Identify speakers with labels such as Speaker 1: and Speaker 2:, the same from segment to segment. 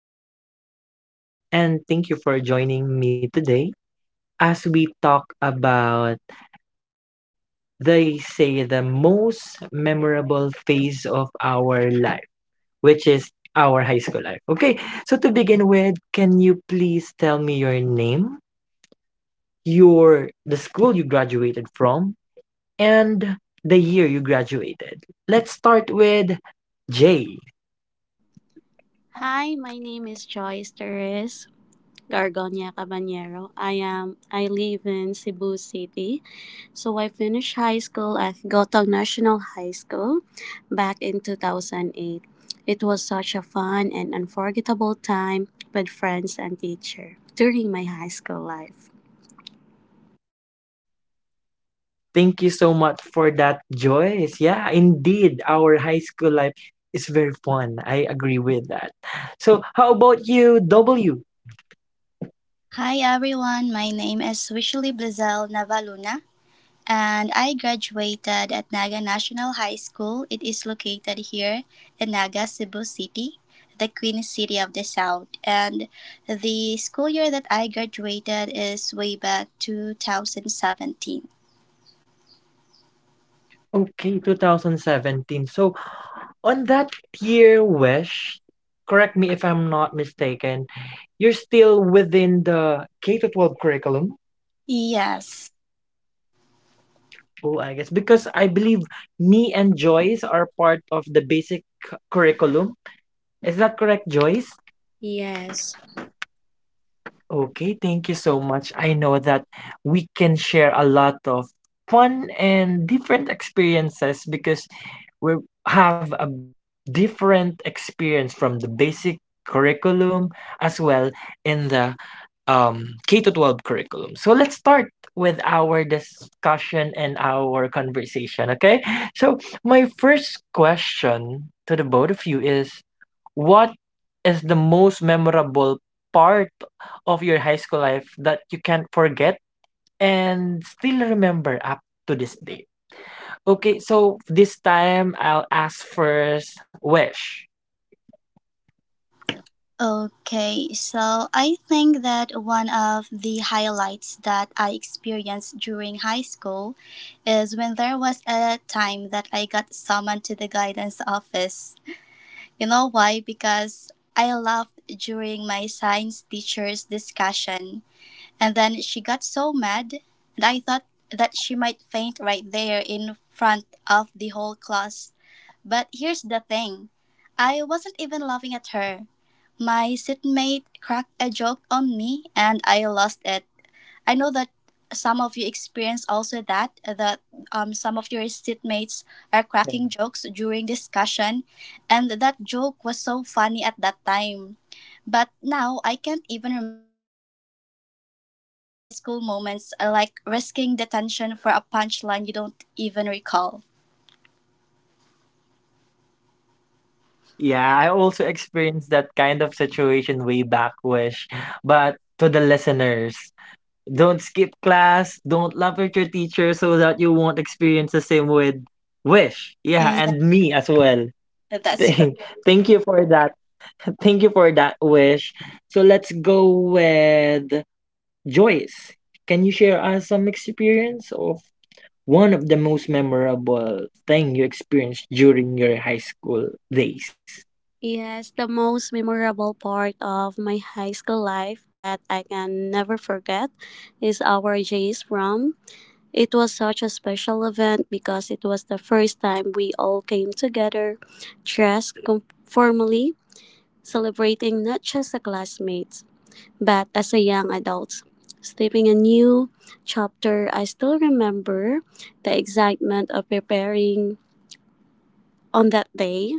Speaker 1: Yes, good day. And thank you for joining me today as we talk about, they say, the most memorable phase of our life, which is our high school life. Okay, so to begin with, can you please tell me your name, your the school you graduated from, and the year you graduated? Let's start with J.
Speaker 2: Hi, my name is Joyce Teres Gargonia Caballero. I live in Cebu City. So I finished high school at Gotong National High School back in 2008. It was such a fun and unforgettable time with friends and teacher during my high school life.
Speaker 1: Thank you so much for that, Joyce. Yeah, indeed, our high school life is very fun. I agree with that. So, how about you, W?
Speaker 3: Hi everyone, my name is Wishali Blazel Navaluna and I graduated at Naga National High School. It is located here in Naga, Cebu City, the Queen City of the South. And the school year that I graduated is way back 2017.
Speaker 1: Okay, 2017. So, on that year, Wish, correct me if I'm not mistaken, you're still within the K to 12 curriculum.
Speaker 3: Yes.
Speaker 1: Oh, I guess because I believe me and Joyce are part of the basic curriculum. Is that correct, Joyce?
Speaker 2: Yes.
Speaker 1: Okay, thank you so much. I know that we can share a lot of fun and different experiences because we have a different experience from the basic curriculum as well in the K to 12 curriculum. So let's start with our discussion and our conversation, okay? So my first question to the both of you is what is the most memorable part of your high school life that you can't forget and still remember up to this day? Okay, so this time I'll ask first Wish.
Speaker 3: Okay, so I think that one of the highlights that I experienced during high school is when there was a time that I got summoned to the guidance office. You know why? Because I laughed during my science teacher's discussion, and then she got so mad, and I thought that she might faint right there in front of the whole class. But here's the thing, I wasn't even laughing at her. My seatmate cracked a joke on me and I lost it. I know that some of you experience also that some of your seatmates are
Speaker 1: Yeah.
Speaker 3: cracking jokes during discussion, and that joke was so funny at that time. But now I can't even remember what it was. Classic high school moments are like risking detention for a punchline you don't even recall.
Speaker 1: Yeah, I also experienced that kind of situation way back, Wish. But to the listeners, don't skip class. Don't laugh at your teacher so that you won't experience the same with Wish. Yeah,
Speaker 3: Yeah,
Speaker 1: and me as well.
Speaker 3: that's correct.
Speaker 1: Thank, thank you for that. Thank you for that, Wish. So let's go with Joyce. Can you share us some experience of one of the most memorable thing you experienced during your high school days?
Speaker 2: Yes, the most memorable part of my high school life that I can never forget is our J's prom. It was such a special event because it was the first time we all came together, dressed formally, celebrating not just as classmates, but as a young adults. Stepping a new chapter, I still remember the excitement of preparing on that day.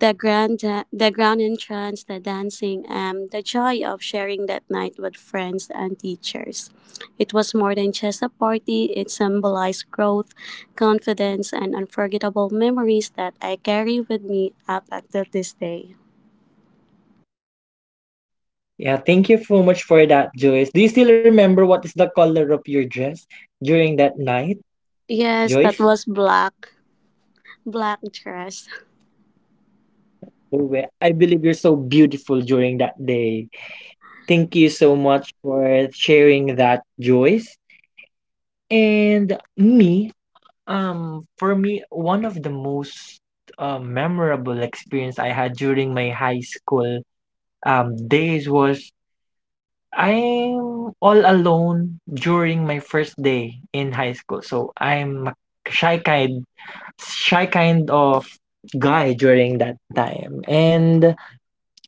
Speaker 2: The grand, the grand entrance, the dancing, and the joy of sharing that night with friends and teachers. It was more than just a party, it symbolized growth, confidence, and unforgettable memories that I carry with me up until this day.
Speaker 1: Yeah, thank you so much for that, Joyce. Do you still remember what is the color of your dress during that night,
Speaker 2: Yes,
Speaker 1: Joyce?
Speaker 2: that was black dress.
Speaker 1: Uwe, I believe you're so beautiful during that day. Thank you so much for sharing that, Joyce. And me, for me, one of the most memorable experience I had during my high school days was I'm all alone during my first day in high school. So I'm a shy kind, shy kind of guy during that time, and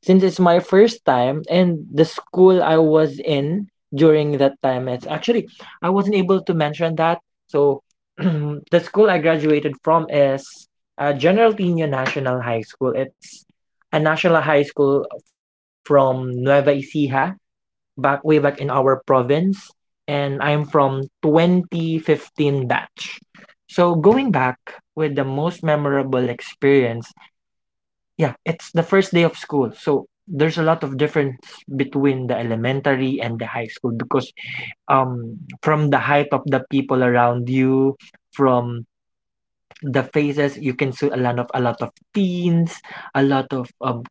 Speaker 1: since it's my first time and the school I was in during that time, it's actually, I wasn't able to mention that, so the school I graduated from is General Pino National High School. It's a national high school from Nueva Ecija, back way back in our province, and I'm from 2015 batch. So going back with the most memorable experience, yeah, it's the first day of school. So there's a lot of difference between the elementary and the high school, because from the height of the people around you, from the faces, you can see a lot of teens, a lot of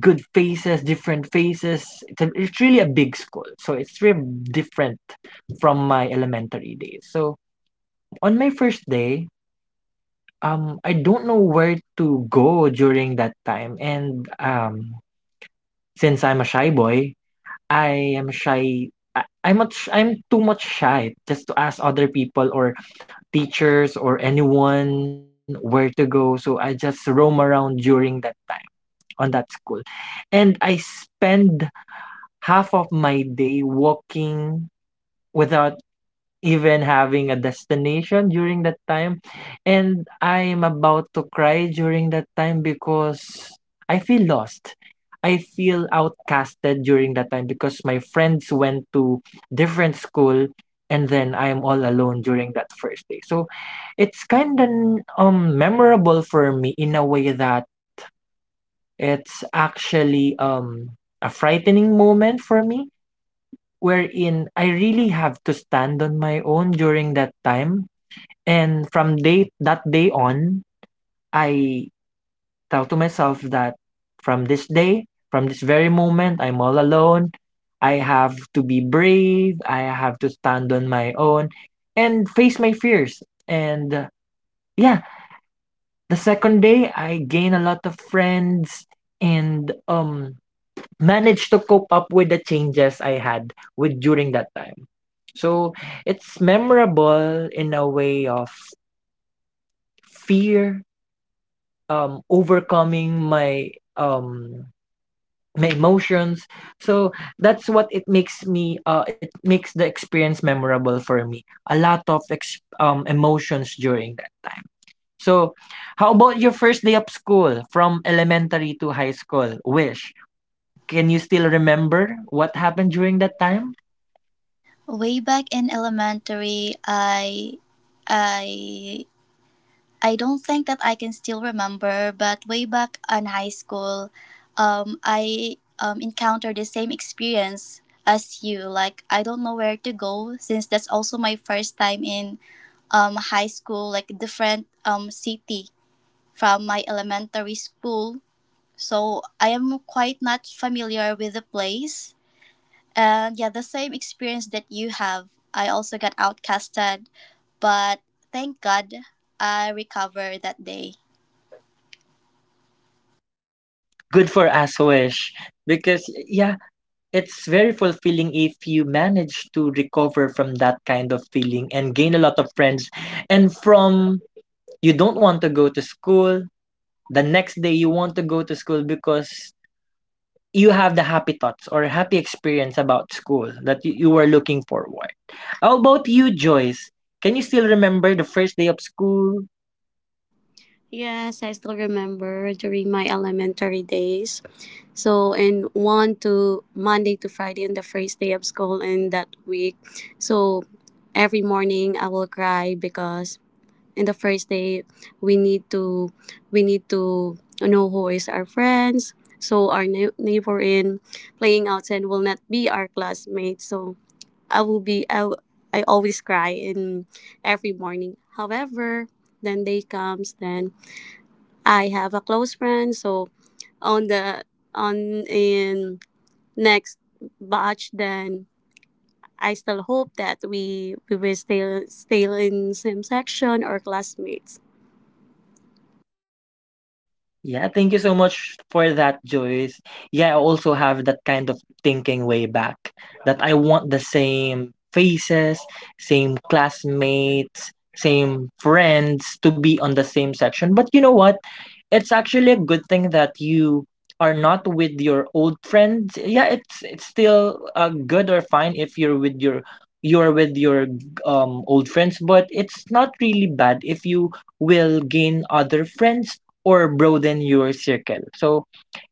Speaker 1: good faces, different faces. It's really a big school. So it's really different from my elementary days. So on my first day, I don't know where to go during that time, and since I'm a shy boy, I am shy. I I'm not sh I'm too much shy just to ask other people or teachers or anyone where to go, so I just roam around during that time on that school. And I spend half of my day walking without even having a destination during that time, and I'm about to cry during that time because I feel lost. I feel outcasted during that time because my friends went to different school, and then I am all alone during that first day. So it's kind of memorable for me in a way that it's actually a frightening moment for me, wherein I really have to stand on my own during that time. And from day that day on, I tell to myself that from this day, from this very moment, I'm all alone. I have to be brave. I have to stand on my own and face my fears. And yeah, the second day, I gain a lot of friends, and managed to cope up with the changes I had with during that time. So it's memorable in a way of fear, overcoming my emotions. So that's what it makes the experience memorable for me. A lot of emotions during that time. So how about your first day of school from elementary to high school, Wish? Can you still remember what happened during that time?
Speaker 3: Way back in elementary, I I don't think that I can still remember, but way back in high school, I encountered the same experience as you. Like, I don't know where to go since that's also my first time in high school, like different city from my elementary school. So I am quite not familiar with the place. And yeah, the same experience that you have. I also got outcasted, but thank God I recovered that day.
Speaker 1: Good for us, Wish. Because, yeah, it's very fulfilling if you manage to recover from that kind of feeling and gain a lot of friends. And from you don't want to go to school, the next day you want to go to school because you have the happy thoughts or happy experience about school that you were looking forward. How about you, Joyce? Can you still remember the first day of school?
Speaker 2: Yes, I still remember during my elementary days. So, and one to Monday to Friday on the first day of school in that week. So, every morning I will cry because in the first day we need to we need to know who is our friends. So our neighbor in playing outside will not be our classmate. So I will be I, will- I always cry in every morning. However, then day comes, then I have a close friend. So on the on in next batch, then I still hope that we will still in same section or classmates.
Speaker 1: Yeah, thank you so much for that, Joyce. Yeah, I also have that kind of thinking way back that I want the same faces, same classmates, same friends to be on the same section. But you know what? It's actually a good thing that you are not with your old friends. Yeah, it's still good or fine if you're with your old friends, but it's not really bad if you will gain other friends or broaden your circle. So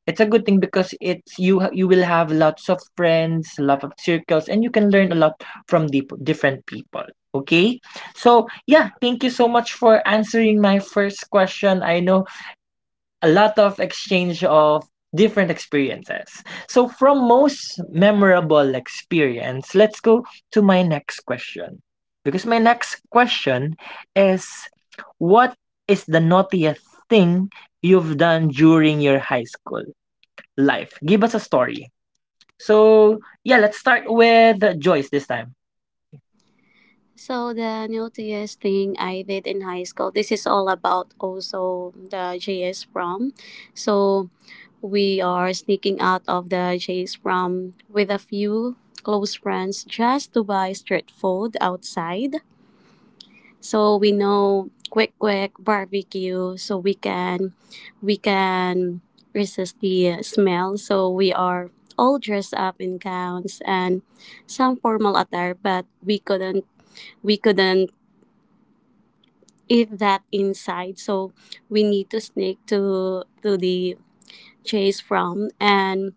Speaker 1: it's a good thing because you will have lots of friends, lot of circles, and you can learn a lot from the different people. Okay, so yeah, thank you so much for answering my first question. I know a lot of exchange of different experiences. So, from most memorable experience, let's go to my next question. Because my next question is what is the naughtiest thing you've done during your high school life? Give us a story. So, yeah, let's start with Joyce this time.
Speaker 2: So the naughtiest thing I did in high school. This is all about also the JS prom. So we are sneaking out of the JS prom with a few close friends just to buy street food outside, so we know quick barbecue so we can resist the smell. So we are all dressed up in gowns and some formal attire, but we couldn't eat that inside, so we need to sneak to the chase from, and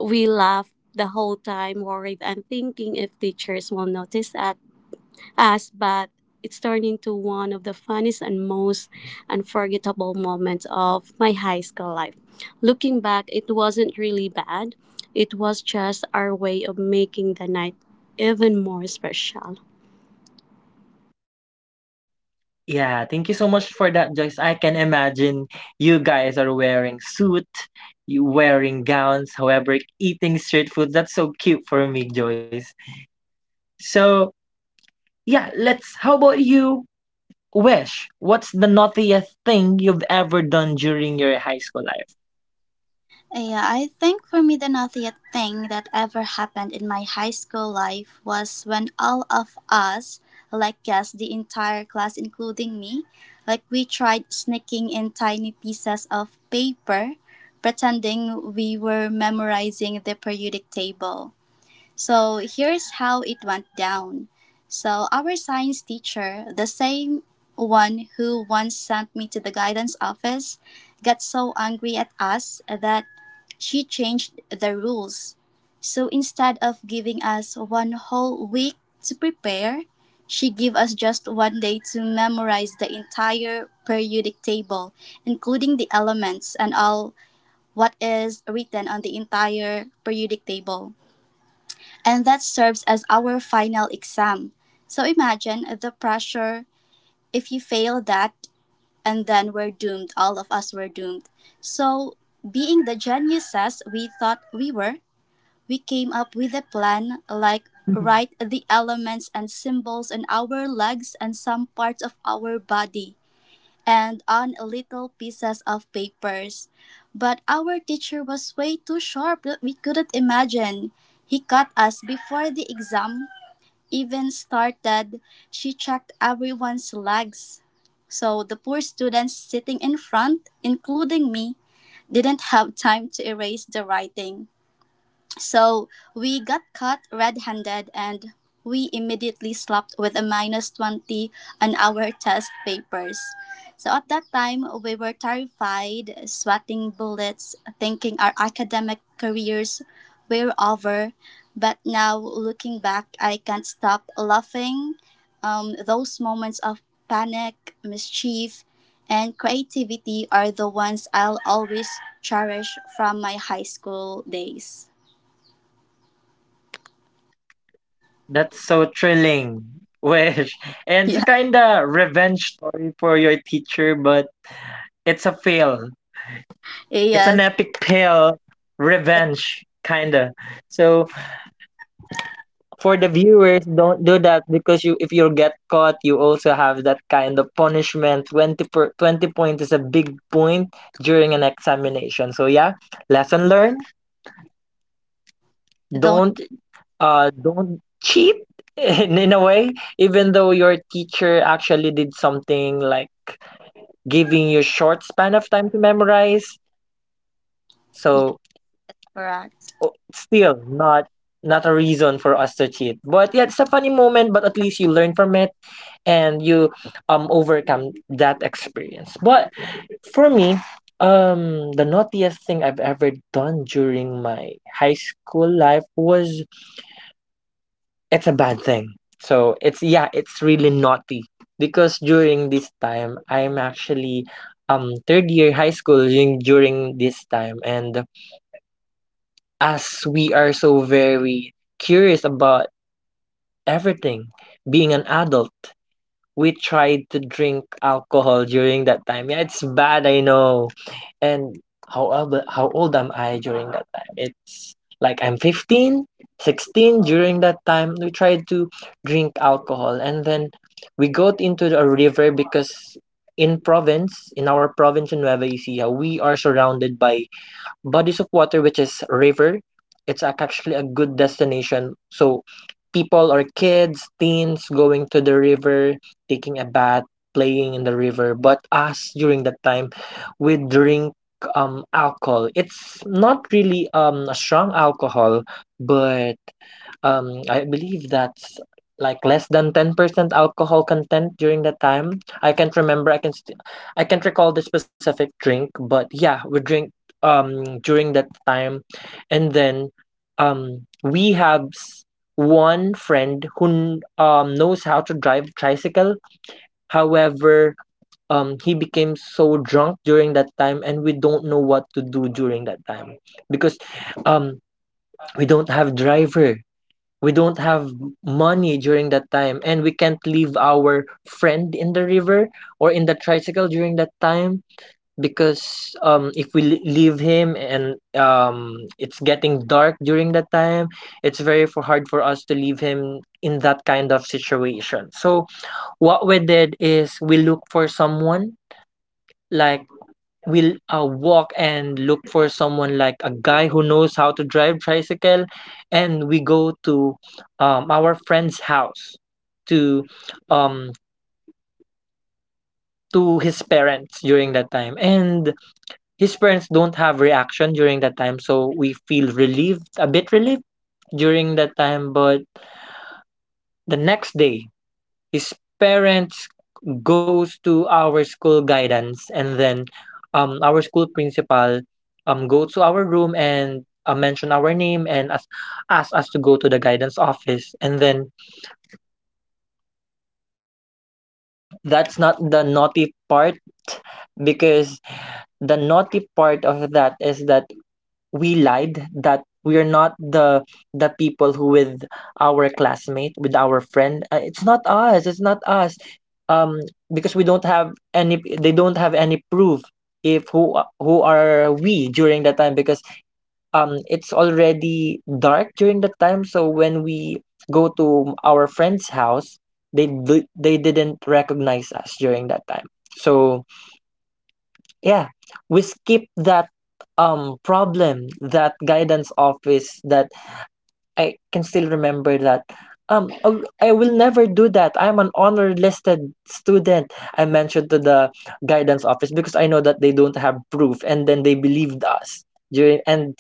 Speaker 2: we laughed the whole time worried and thinking if teachers will notice us, but it's turned into one of the funniest and most unforgettable moments of my high school life. Looking back, it wasn't really bad. It was just our way of making the night even more special.
Speaker 1: Yeah, thank you so much for that, Joyce. I can imagine you guys are wearing suit, you wearing gowns, however, eating street food. That's so cute for me, Joyce. So, yeah, let's how about you, Wish? What's the naughtiest thing you've ever done during your high school life?
Speaker 3: Yeah, I think for me the nuttiest thing that ever happened in my high school life was when all of us, like guess the entire class including me, like we tried sneaking in tiny pieces of paper, pretending we were memorizing the periodic table. So here's how it went down. So our science teacher, the same one who once sent me to the guidance office, got so angry at us that she changed the rules. So instead of giving us one whole week to prepare, she gave us just 1 day to memorize the entire periodic table, including the elements and all what is written on the entire periodic table, and that serves as our final exam. So imagine the pressure if you fail that, and then we're doomed, all of us were doomed. So, being the geniuses we thought we were, we came up with a plan like write the elements and symbols on our legs and some parts of our body and on little pieces of papers. But our teacher was way too sharp that we couldn't imagine. He caught us before the exam even started, she checked everyone's legs. So the poor students sitting in front, including me, didn't have time to erase the writing. So we got caught red handed and we immediately slapped with a minus 20 on our test papers. So at that time, we were terrified, sweating bullets, thinking our academic careers were over. But now, looking back, I can't stop laughing. Those moments of panic, mischief, and creativity are the ones I'll always cherish from my high school days.
Speaker 1: That's so thrilling, Wish. And it's
Speaker 3: Yeah,
Speaker 1: kinda revenge story for your teacher, but it's a fail. It's
Speaker 3: yes,
Speaker 1: an epic fail
Speaker 3: that's
Speaker 1: revenge, kinda. So for the viewers, don't do that, because you if you get caught, you also have that kind of punishment. 20 point is a big point during an examination, so yeah, lesson learned.
Speaker 3: the only-
Speaker 1: Don't uh don't cheat in a way, even though your teacher actually did something like giving you short span of time to memorize.
Speaker 3: yeah,
Speaker 1: So
Speaker 3: that's correct.
Speaker 1: still not a reason for us to cheat, but yeah, it's a funny moment, but at least you learn from it, and you overcome that experience. But for me, the naughtiest thing I've ever done during my high school life was, it's a bad thing, so it's really naughty, because during this time I'm actually third year high school during this time, and as we are so very curious about everything, being an adult, we tried to drink alcohol during that time. Yeah, it's bad, I know. And how old am I during that time? It's like I'm 15, 16 during that time. We tried to drink alcohol, and then we got into a river because in province, in our province in Nueva Ecija, we are surrounded by bodies of water which is river. It's actually a good destination. So people or kids, teens going to the river, taking a bath, playing in the river. But us during that time, we drink alcohol. It's not really a strong alcohol, but I believe that's like less than 10% alcohol content during that time. I can't remember. I can't recall the specific drink, but yeah, we drink during that time. And then we one friend who knows how to drive tricycle. However, he became so drunk during that time, and we don't know what to do during that time because um we don't have driver, we don't have money during that time, and we can't leave our friend in the river or in the tricycle during that time, because if leave him, and it's getting dark during that time, it's very for hard for us to leave him in that kind of situation. So what we did is we look for someone, like, we'll walk and look for someone like a guy who knows how to drive tricycle. And we go to our friend's house, to um to his parents during that time. And his parents don't have reaction during that time, so we feel relieved, a bit relieved during that time. But the next day, his parents goes to our school guidance, and then our school principal go to our room and mention our name and ask us to go to the guidance office. And then, that's not the naughty part, because the naughty part of that is that we lied that we are not the people who with our classmate, with our friend. It's not us, it's not us. um because we don't have any they don't have any proof if who are we during that time, because it's already dark during that time. So when we go to our friend's house, they didn't recognize us during that time. So yeah, we skip that problem, that guidance office. That I can still remember that, "Oh, I will never do that. I'm an honor listed student." I mentioned to the guidance office because I know that they don't have proof, and then they believed us during. And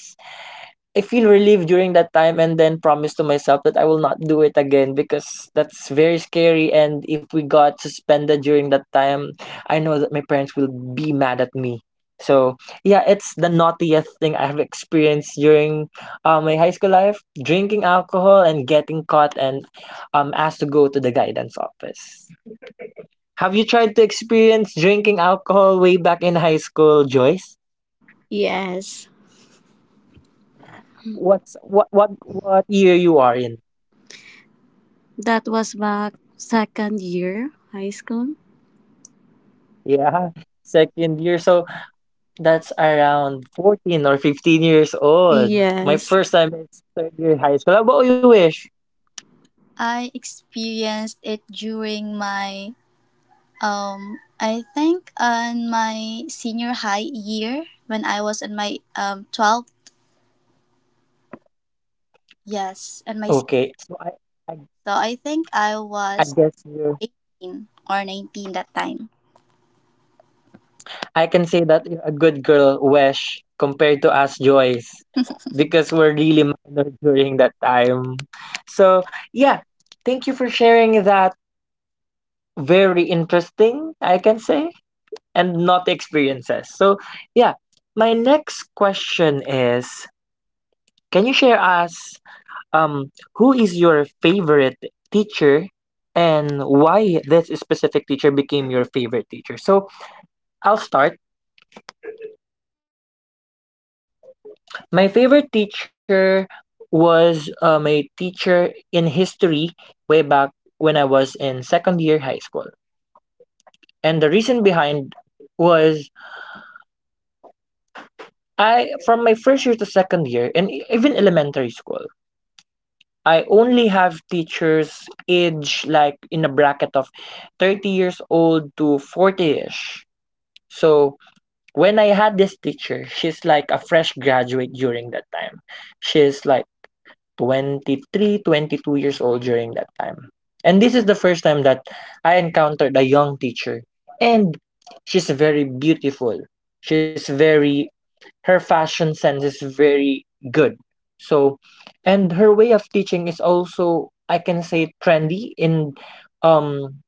Speaker 1: I feel relieved during that time and then promise to myself that I will not do it again because that's very scary, and if we got suspended during that time, I know that my parents will be mad at me. So yeah, it's the naughtiest thing I have experienced during my high school life: drinking alcohol and getting caught and asked to go to the guidance office. Have you tried to experience drinking alcohol way back in high school, Joyce?
Speaker 2: Yes,
Speaker 1: What's what year you are in?
Speaker 2: that was back second year high school.
Speaker 1: Yeah, second year. So that's around 14 or 15 years old. My
Speaker 2: Yes.
Speaker 1: first time is third year high school. How about you, Wish?
Speaker 3: I experienced it during my I think on my senior high year when I was in my 12, yes,
Speaker 1: Okay, I,
Speaker 3: so I think I
Speaker 1: I
Speaker 3: was
Speaker 1: guess you
Speaker 3: 18 or 19 that time.
Speaker 1: I can say that you're a good girl, Wish, compared to us, Joyce, because we're really minor during that time. So yeah, thank you for sharing that very interesting, I can say, and not experiences. So yeah, my next question is, can you share us um, who is your favorite teacher and why this specific teacher became your favorite teacher? So I'll start. My favorite teacher was my teacher in history way back when I was in second year high school. And the reason behind was, I from my first year to second year and even elementary school, I only have teachers age like in a bracket of 30 years old to 40ish. So when I had this teacher, she's like a fresh graduate during that time. She's like 23, 22 years old during that time. And this is the first time that I encountered a young teacher. And she's very beautiful. She's very Her fashion sense is very good. So, and her way of teaching is also, I can say, trendy in um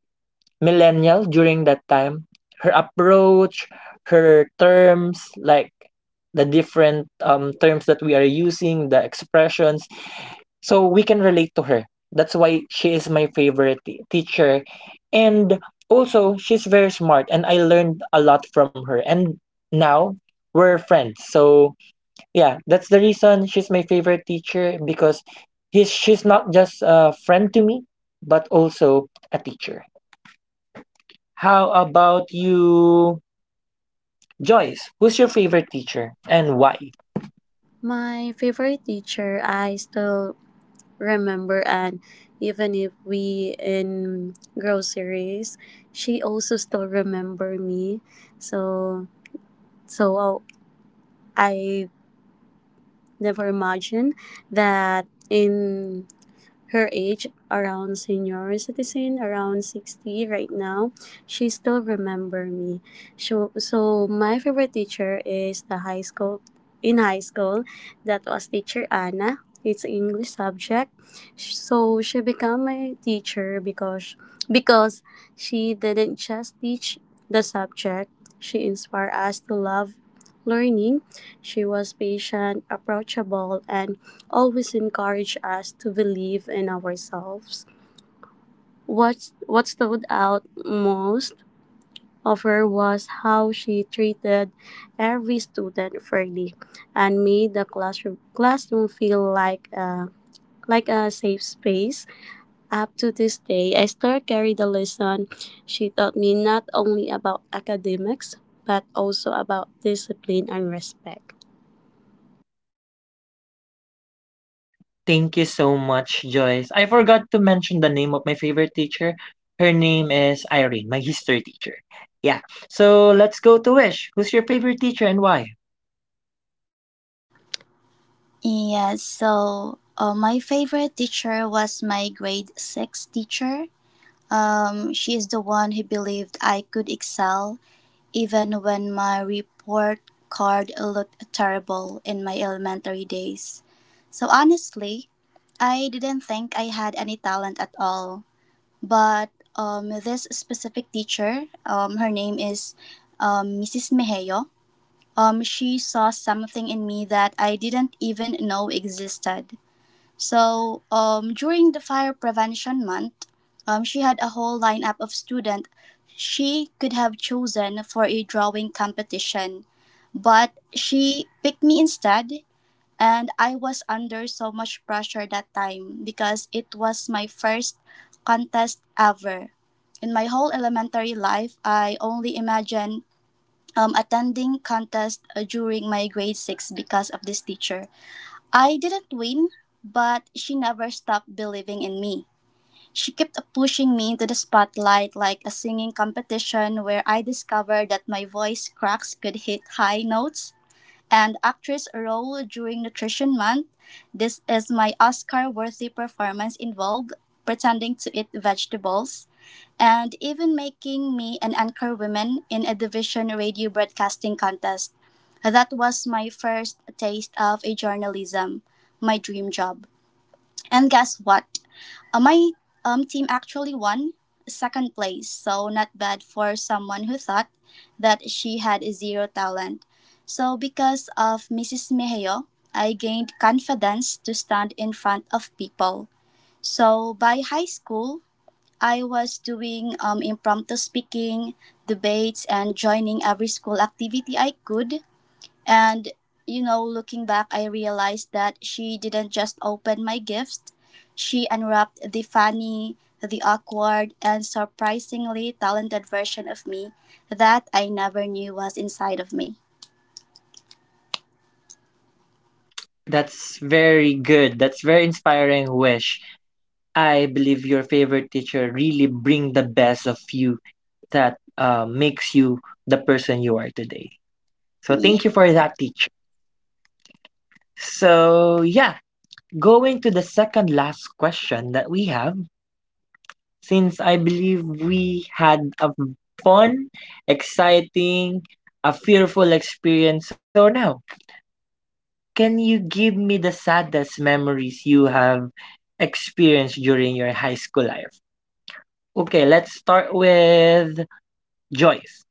Speaker 1: millennial during that time. Her approach, her terms, like the different terms that we are using, the expressions, so we can relate to her. That's why she is my favorite teacher, and also she's very smart, and I learned a lot from her. And now we're friends, so yeah, that's the reason she's my favorite teacher because she's not just a friend to me, but also a teacher. How about you, Joyce? Who's your favorite teacher and why?
Speaker 2: My favorite teacher, I still remember, and even if we in groceries, she also still remember me. So so i never imagined that in her age, around senior citizen, around 60 right now, she still remember me. So, my favorite teacher is the high school, in high school, that was teacher Anna. It's English subject. So she became my teacher because because she didn't just teach the subject, she inspired us to love learning. She was patient, approachable, and always encourage us to believe in ourselves. What stood out most of her was how she treated every student fairly and made the classroom feel like a safe space. Up to this day, I still carry the lesson she taught me not only about academics, but also about discipline and respect.
Speaker 1: Thank you so much, Joyce. I forgot to mention the name of my favorite teacher. Her name is Irene, my history teacher. Yeah, so let's go to Wish. Who's your favorite teacher and why?
Speaker 3: Yes, so my favorite teacher was my grade 6 teacher. She is the one who believed I could excel even when my report card looked terrible in my elementary days. So honestly, I didn't think I had any talent at all. But this specific teacher, her name is Mrs. Mejeo, she saw something in me that I didn't even know existed. So during the fire prevention month, she had a whole lineup of students she could have chosen for a drawing competition, but she picked me instead, and I was under so much pressure that time because it was my first contest ever. In my whole elementary life, I only imagine attending contest during my grade 6 because of this teacher. I didn't win, but she never stopped believing in me. She kept pushing me into the spotlight like a singing competition where I discovered that my voice cracks could hit high notes and actress role during Nutrition Month. This is my Oscar worthy performance involved pretending to eat vegetables and even making me an anchor woman in a division radio broadcasting contest. That was my first taste of a journalism, my dream job. And guess what? My team actually won second place, so not bad for someone who thought that she had zero talent. So, because of Mrs. Mejio, I gained confidence to stand in front of people. So, by high school, I was doing impromptu speaking, debates, and joining every school activity I could, and, you know, looking back, I realized that she didn't just open my gift, she unwrapped the funny, the awkward, and surprisingly talented version of me that I never knew was inside of me.
Speaker 1: That's very good. That's very inspiring, Wish. I believe your favorite teacher really bring the best of you that makes you the person you are today. So
Speaker 3: Yeah.
Speaker 1: thank you for that teacher. So yeah, going to the second last question that we have, since I believe we had a fun, exciting, a fearful experience. So now, can you give me the saddest memories you have experienced during your high school life? Okay, let's start with Joyce.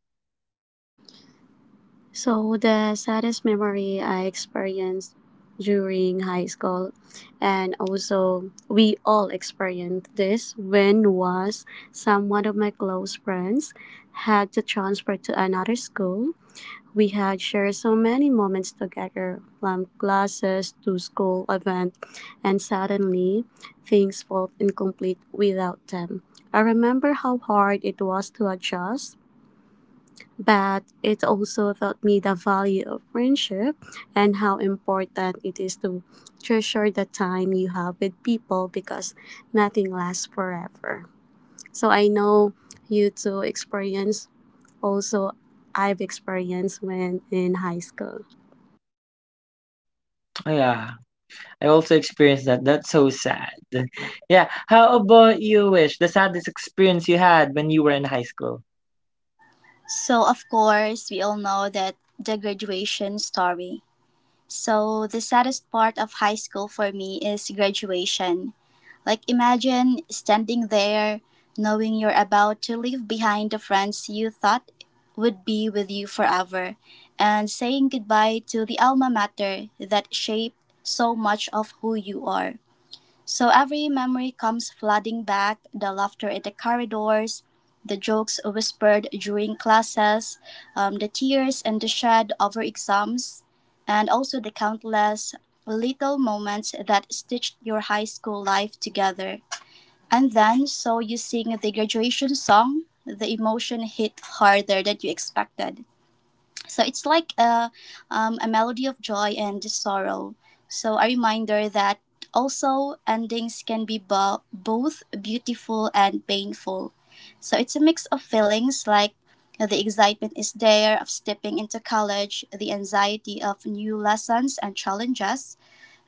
Speaker 2: So the saddest memory I experienced during high school, and also we all experienced this, when was some one of my close friends had to transfer to another school. We had shared so many moments together, from classes to school event, and suddenly things felt incomplete without them. I remember how hard it was to adjust, but it also taught me the value of friendship and how important it is to treasure the time you have with people, because nothing lasts forever. So I know you two experience, also I've experienced when in high school.
Speaker 1: Yeah, I also experienced that. That's so sad. Yeah, how about you, Wish? The saddest experience you had when you were in high school?
Speaker 3: So, of course, we all know that the graduation story. So, the saddest part of high school for me is graduation. Like, imagine standing there knowing you're about to leave behind the friends you thought would be with you forever and saying goodbye to the alma mater that shaped so much of who you are. So every memory comes flooding back the laughter in the corridors, the jokes whispered during classes, the tears and the shed over exams, and also the countless little moments that stitched your high school life together, and then, so you sing the graduation song, the emotion hit harder than you expected. So it's like a melody of joy and sorrow. So a reminder that also endings can be both beautiful and painful. So it's a mix of feelings like the excitement is there of stepping into college, the anxiety of new lessons and challenges,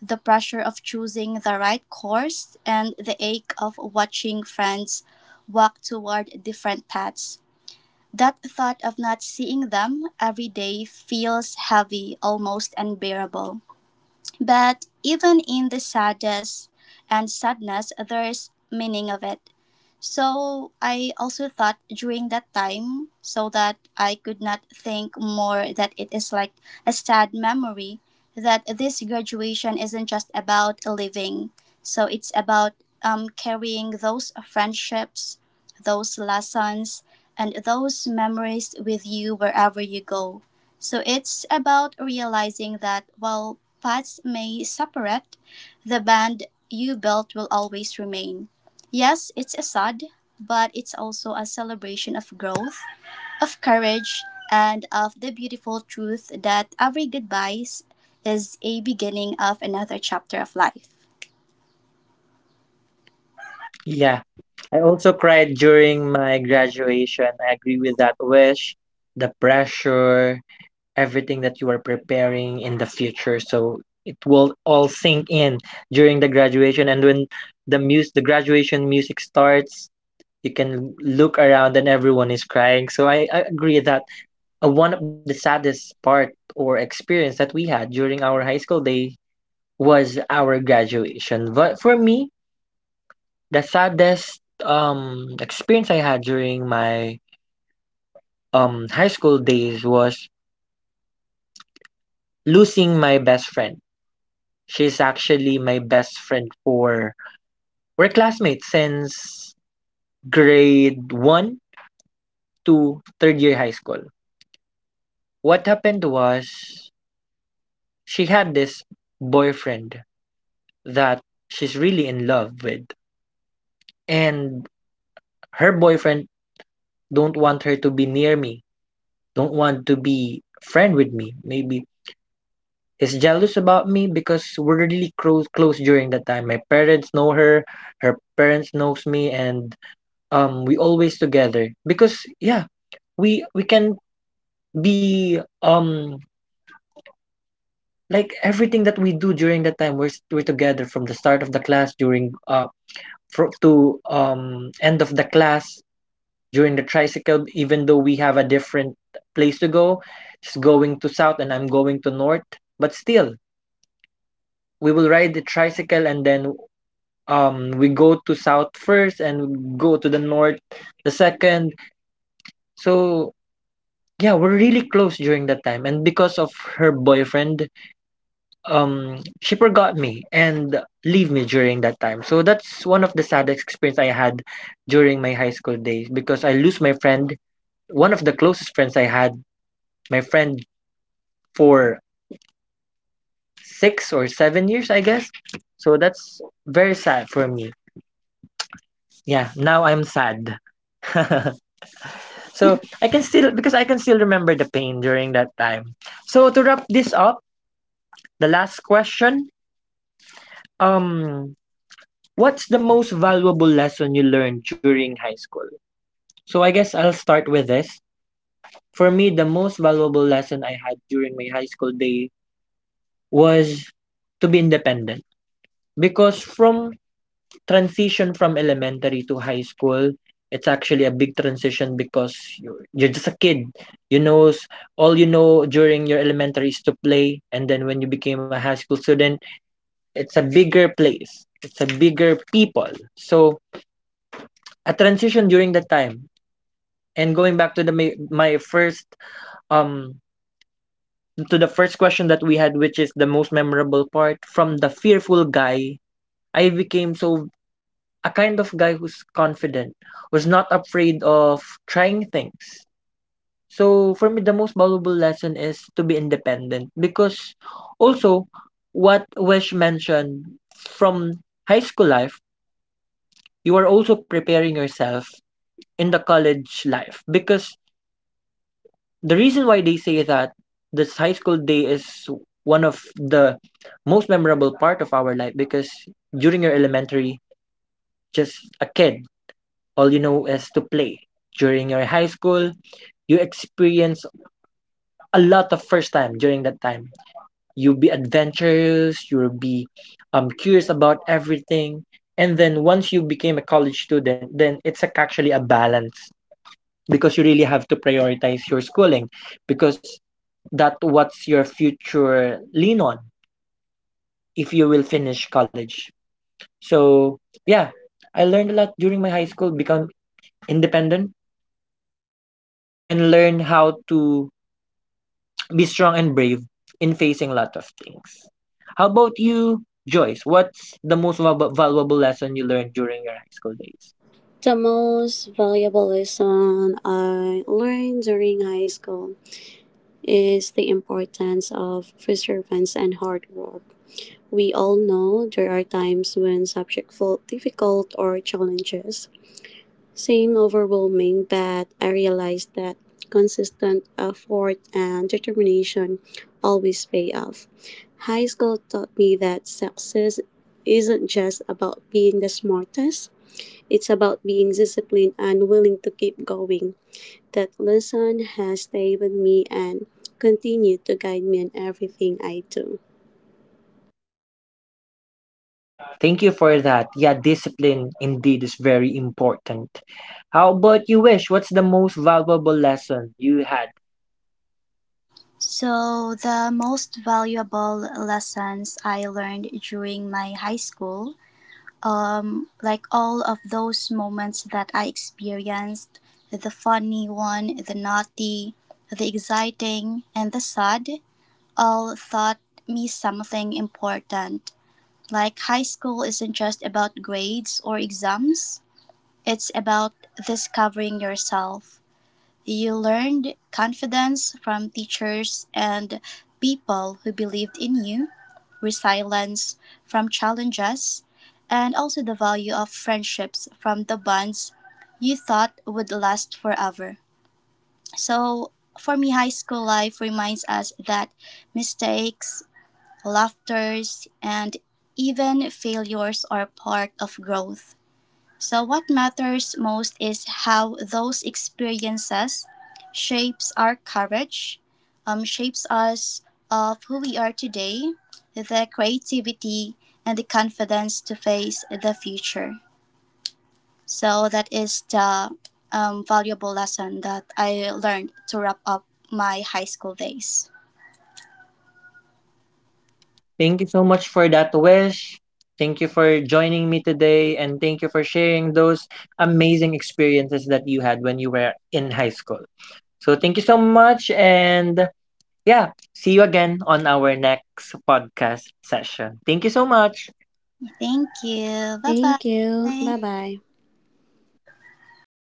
Speaker 3: the pressure of choosing the right course, and the ache of watching friends walk toward different paths. That thought of not seeing them every day feels heavy, almost unbearable. But even in the saddest and sadness, there's meaning of it. So I also thought during that time so that I could not think more that it is like a sad memory that this graduation isn't just about living. So it's about carrying those friendships, those lessons, and those memories with you wherever you go. So it's about realizing that while paths may separate, the band you built will always remain. Yes, it's a sad, but it's also a celebration of growth, of courage, and of the beautiful truth that every goodbye is a beginning of another chapter of life.
Speaker 1: Yeah, I also cried during my graduation. I agree with that, Wish. The pressure, everything that you are preparing in the future. So it will all sink in during the graduation. And when the graduation music starts, you can look around, and everyone is crying. So I agree that. One of the saddest part or experience that we had during our high school day was our graduation. But for me, the saddest experience I had during my high school days was losing my best friend. She's actually my best friend, for we're classmates since grade one to third year high school. What happened was, she had this boyfriend that she's really in love with, and her boyfriend don't want her to be near me, don't want to be friend with me. Maybe is jealous about me because we're really close, close during that time. My parents know her, her parents knows me, and we always together because yeah, we can be like everything that we do during that time, we're together from the start of the class during to end of the class during the tricycle, even though we have a different place to go. She's going to south, and I'm going to north. But still, we will ride the tricycle, and then we go to south first and go to the north the second. So yeah, we're really close during that time. And because of her boyfriend, she forgot me and leave me during that time. So that's one of the saddest experience I had during my high school days because I lose my friend, one of the closest friends I had. My friend for 6 or 7 years, I guess. So that's very sad for me. Yeah, now I'm sad. Because I can still remember the pain during that time. So to wrap this up, the last question, um, what's the most valuable lesson you learned during high school? So I guess I'll start with this. For me, the most valuable lesson I had during my high school day was to be independent, because from transition from elementary to high school, it's actually a big transition because you're just a kid. You knows all you know during your elementary is to play, and then when you became a high school student, it's a bigger place. It's a bigger people. So a transition during that time. And going back to the my, my first um to the first question that we had, which is the most memorable part from the fearful guy, I became so a kind of guy who's confident, who's not afraid of trying things. So for me, the most valuable lesson is to be independent because also what Wesh mentioned from high school life, you are also preparing yourself in the college life because the reason why they say that this high school day is one of the most memorable part of our life, because during your elementary, just a kid, all you know is to play. During your high school, you experience a lot of first time during that time. You'll be adventurous, you'll be curious about everything. And then once you became a college student, then actually a balance because you really have to prioritize your schooling because that what's your future lean on if you will finish college. So yeah, I learned a lot during my high school, become independent and learn how to be strong and brave in facing a lot of things. How about you, Joyce? What's the most valuable lesson you learned during your high school days?
Speaker 2: The most valuable lesson I learned during high school is the importance of perseverance and hard work. We all know there are times when subjects felt difficult or challenges. Saying overwhelming, but I realized that consistent effort and determination always pay off. High school taught me that success isn't just about being the smartest, it's about being disciplined and willing to keep going. That lesson has stayed with me and continued to guide me in everything I do.
Speaker 1: Thank you for that. Yeah, discipline indeed is very important. How about you, Wish? What's the most valuable lesson you had?
Speaker 3: So, the most valuable lessons I learned during my high school, like all of those moments that I experienced, the funny one, the naughty, the exciting, and the sad, all taught me something important. Like high school isn't just about grades or exams, it's about discovering yourself. You learned confidence from teachers and people who believed in you, resilience from challenges, and also the value of friendships from the bonds you thought would last forever. So, for me, high school life reminds us that mistakes, laughters, and even failures are part of growth. So, what matters most is how those experiences shapes our courage, shapes us of who we are today, the creativity, and the confidence to face the future. So, that is the valuable lesson that I learned to wrap up my high school days.
Speaker 1: Thank you so much for that, Wish. Thank you for joining me today, and thank you for sharing those amazing experiences that you had when you were in high school. So thank you so much, and yeah, see you again on our next podcast session. Thank you so much.
Speaker 3: Thank you. Bye
Speaker 2: Thank you.
Speaker 3: bye.
Speaker 2: Bye bye.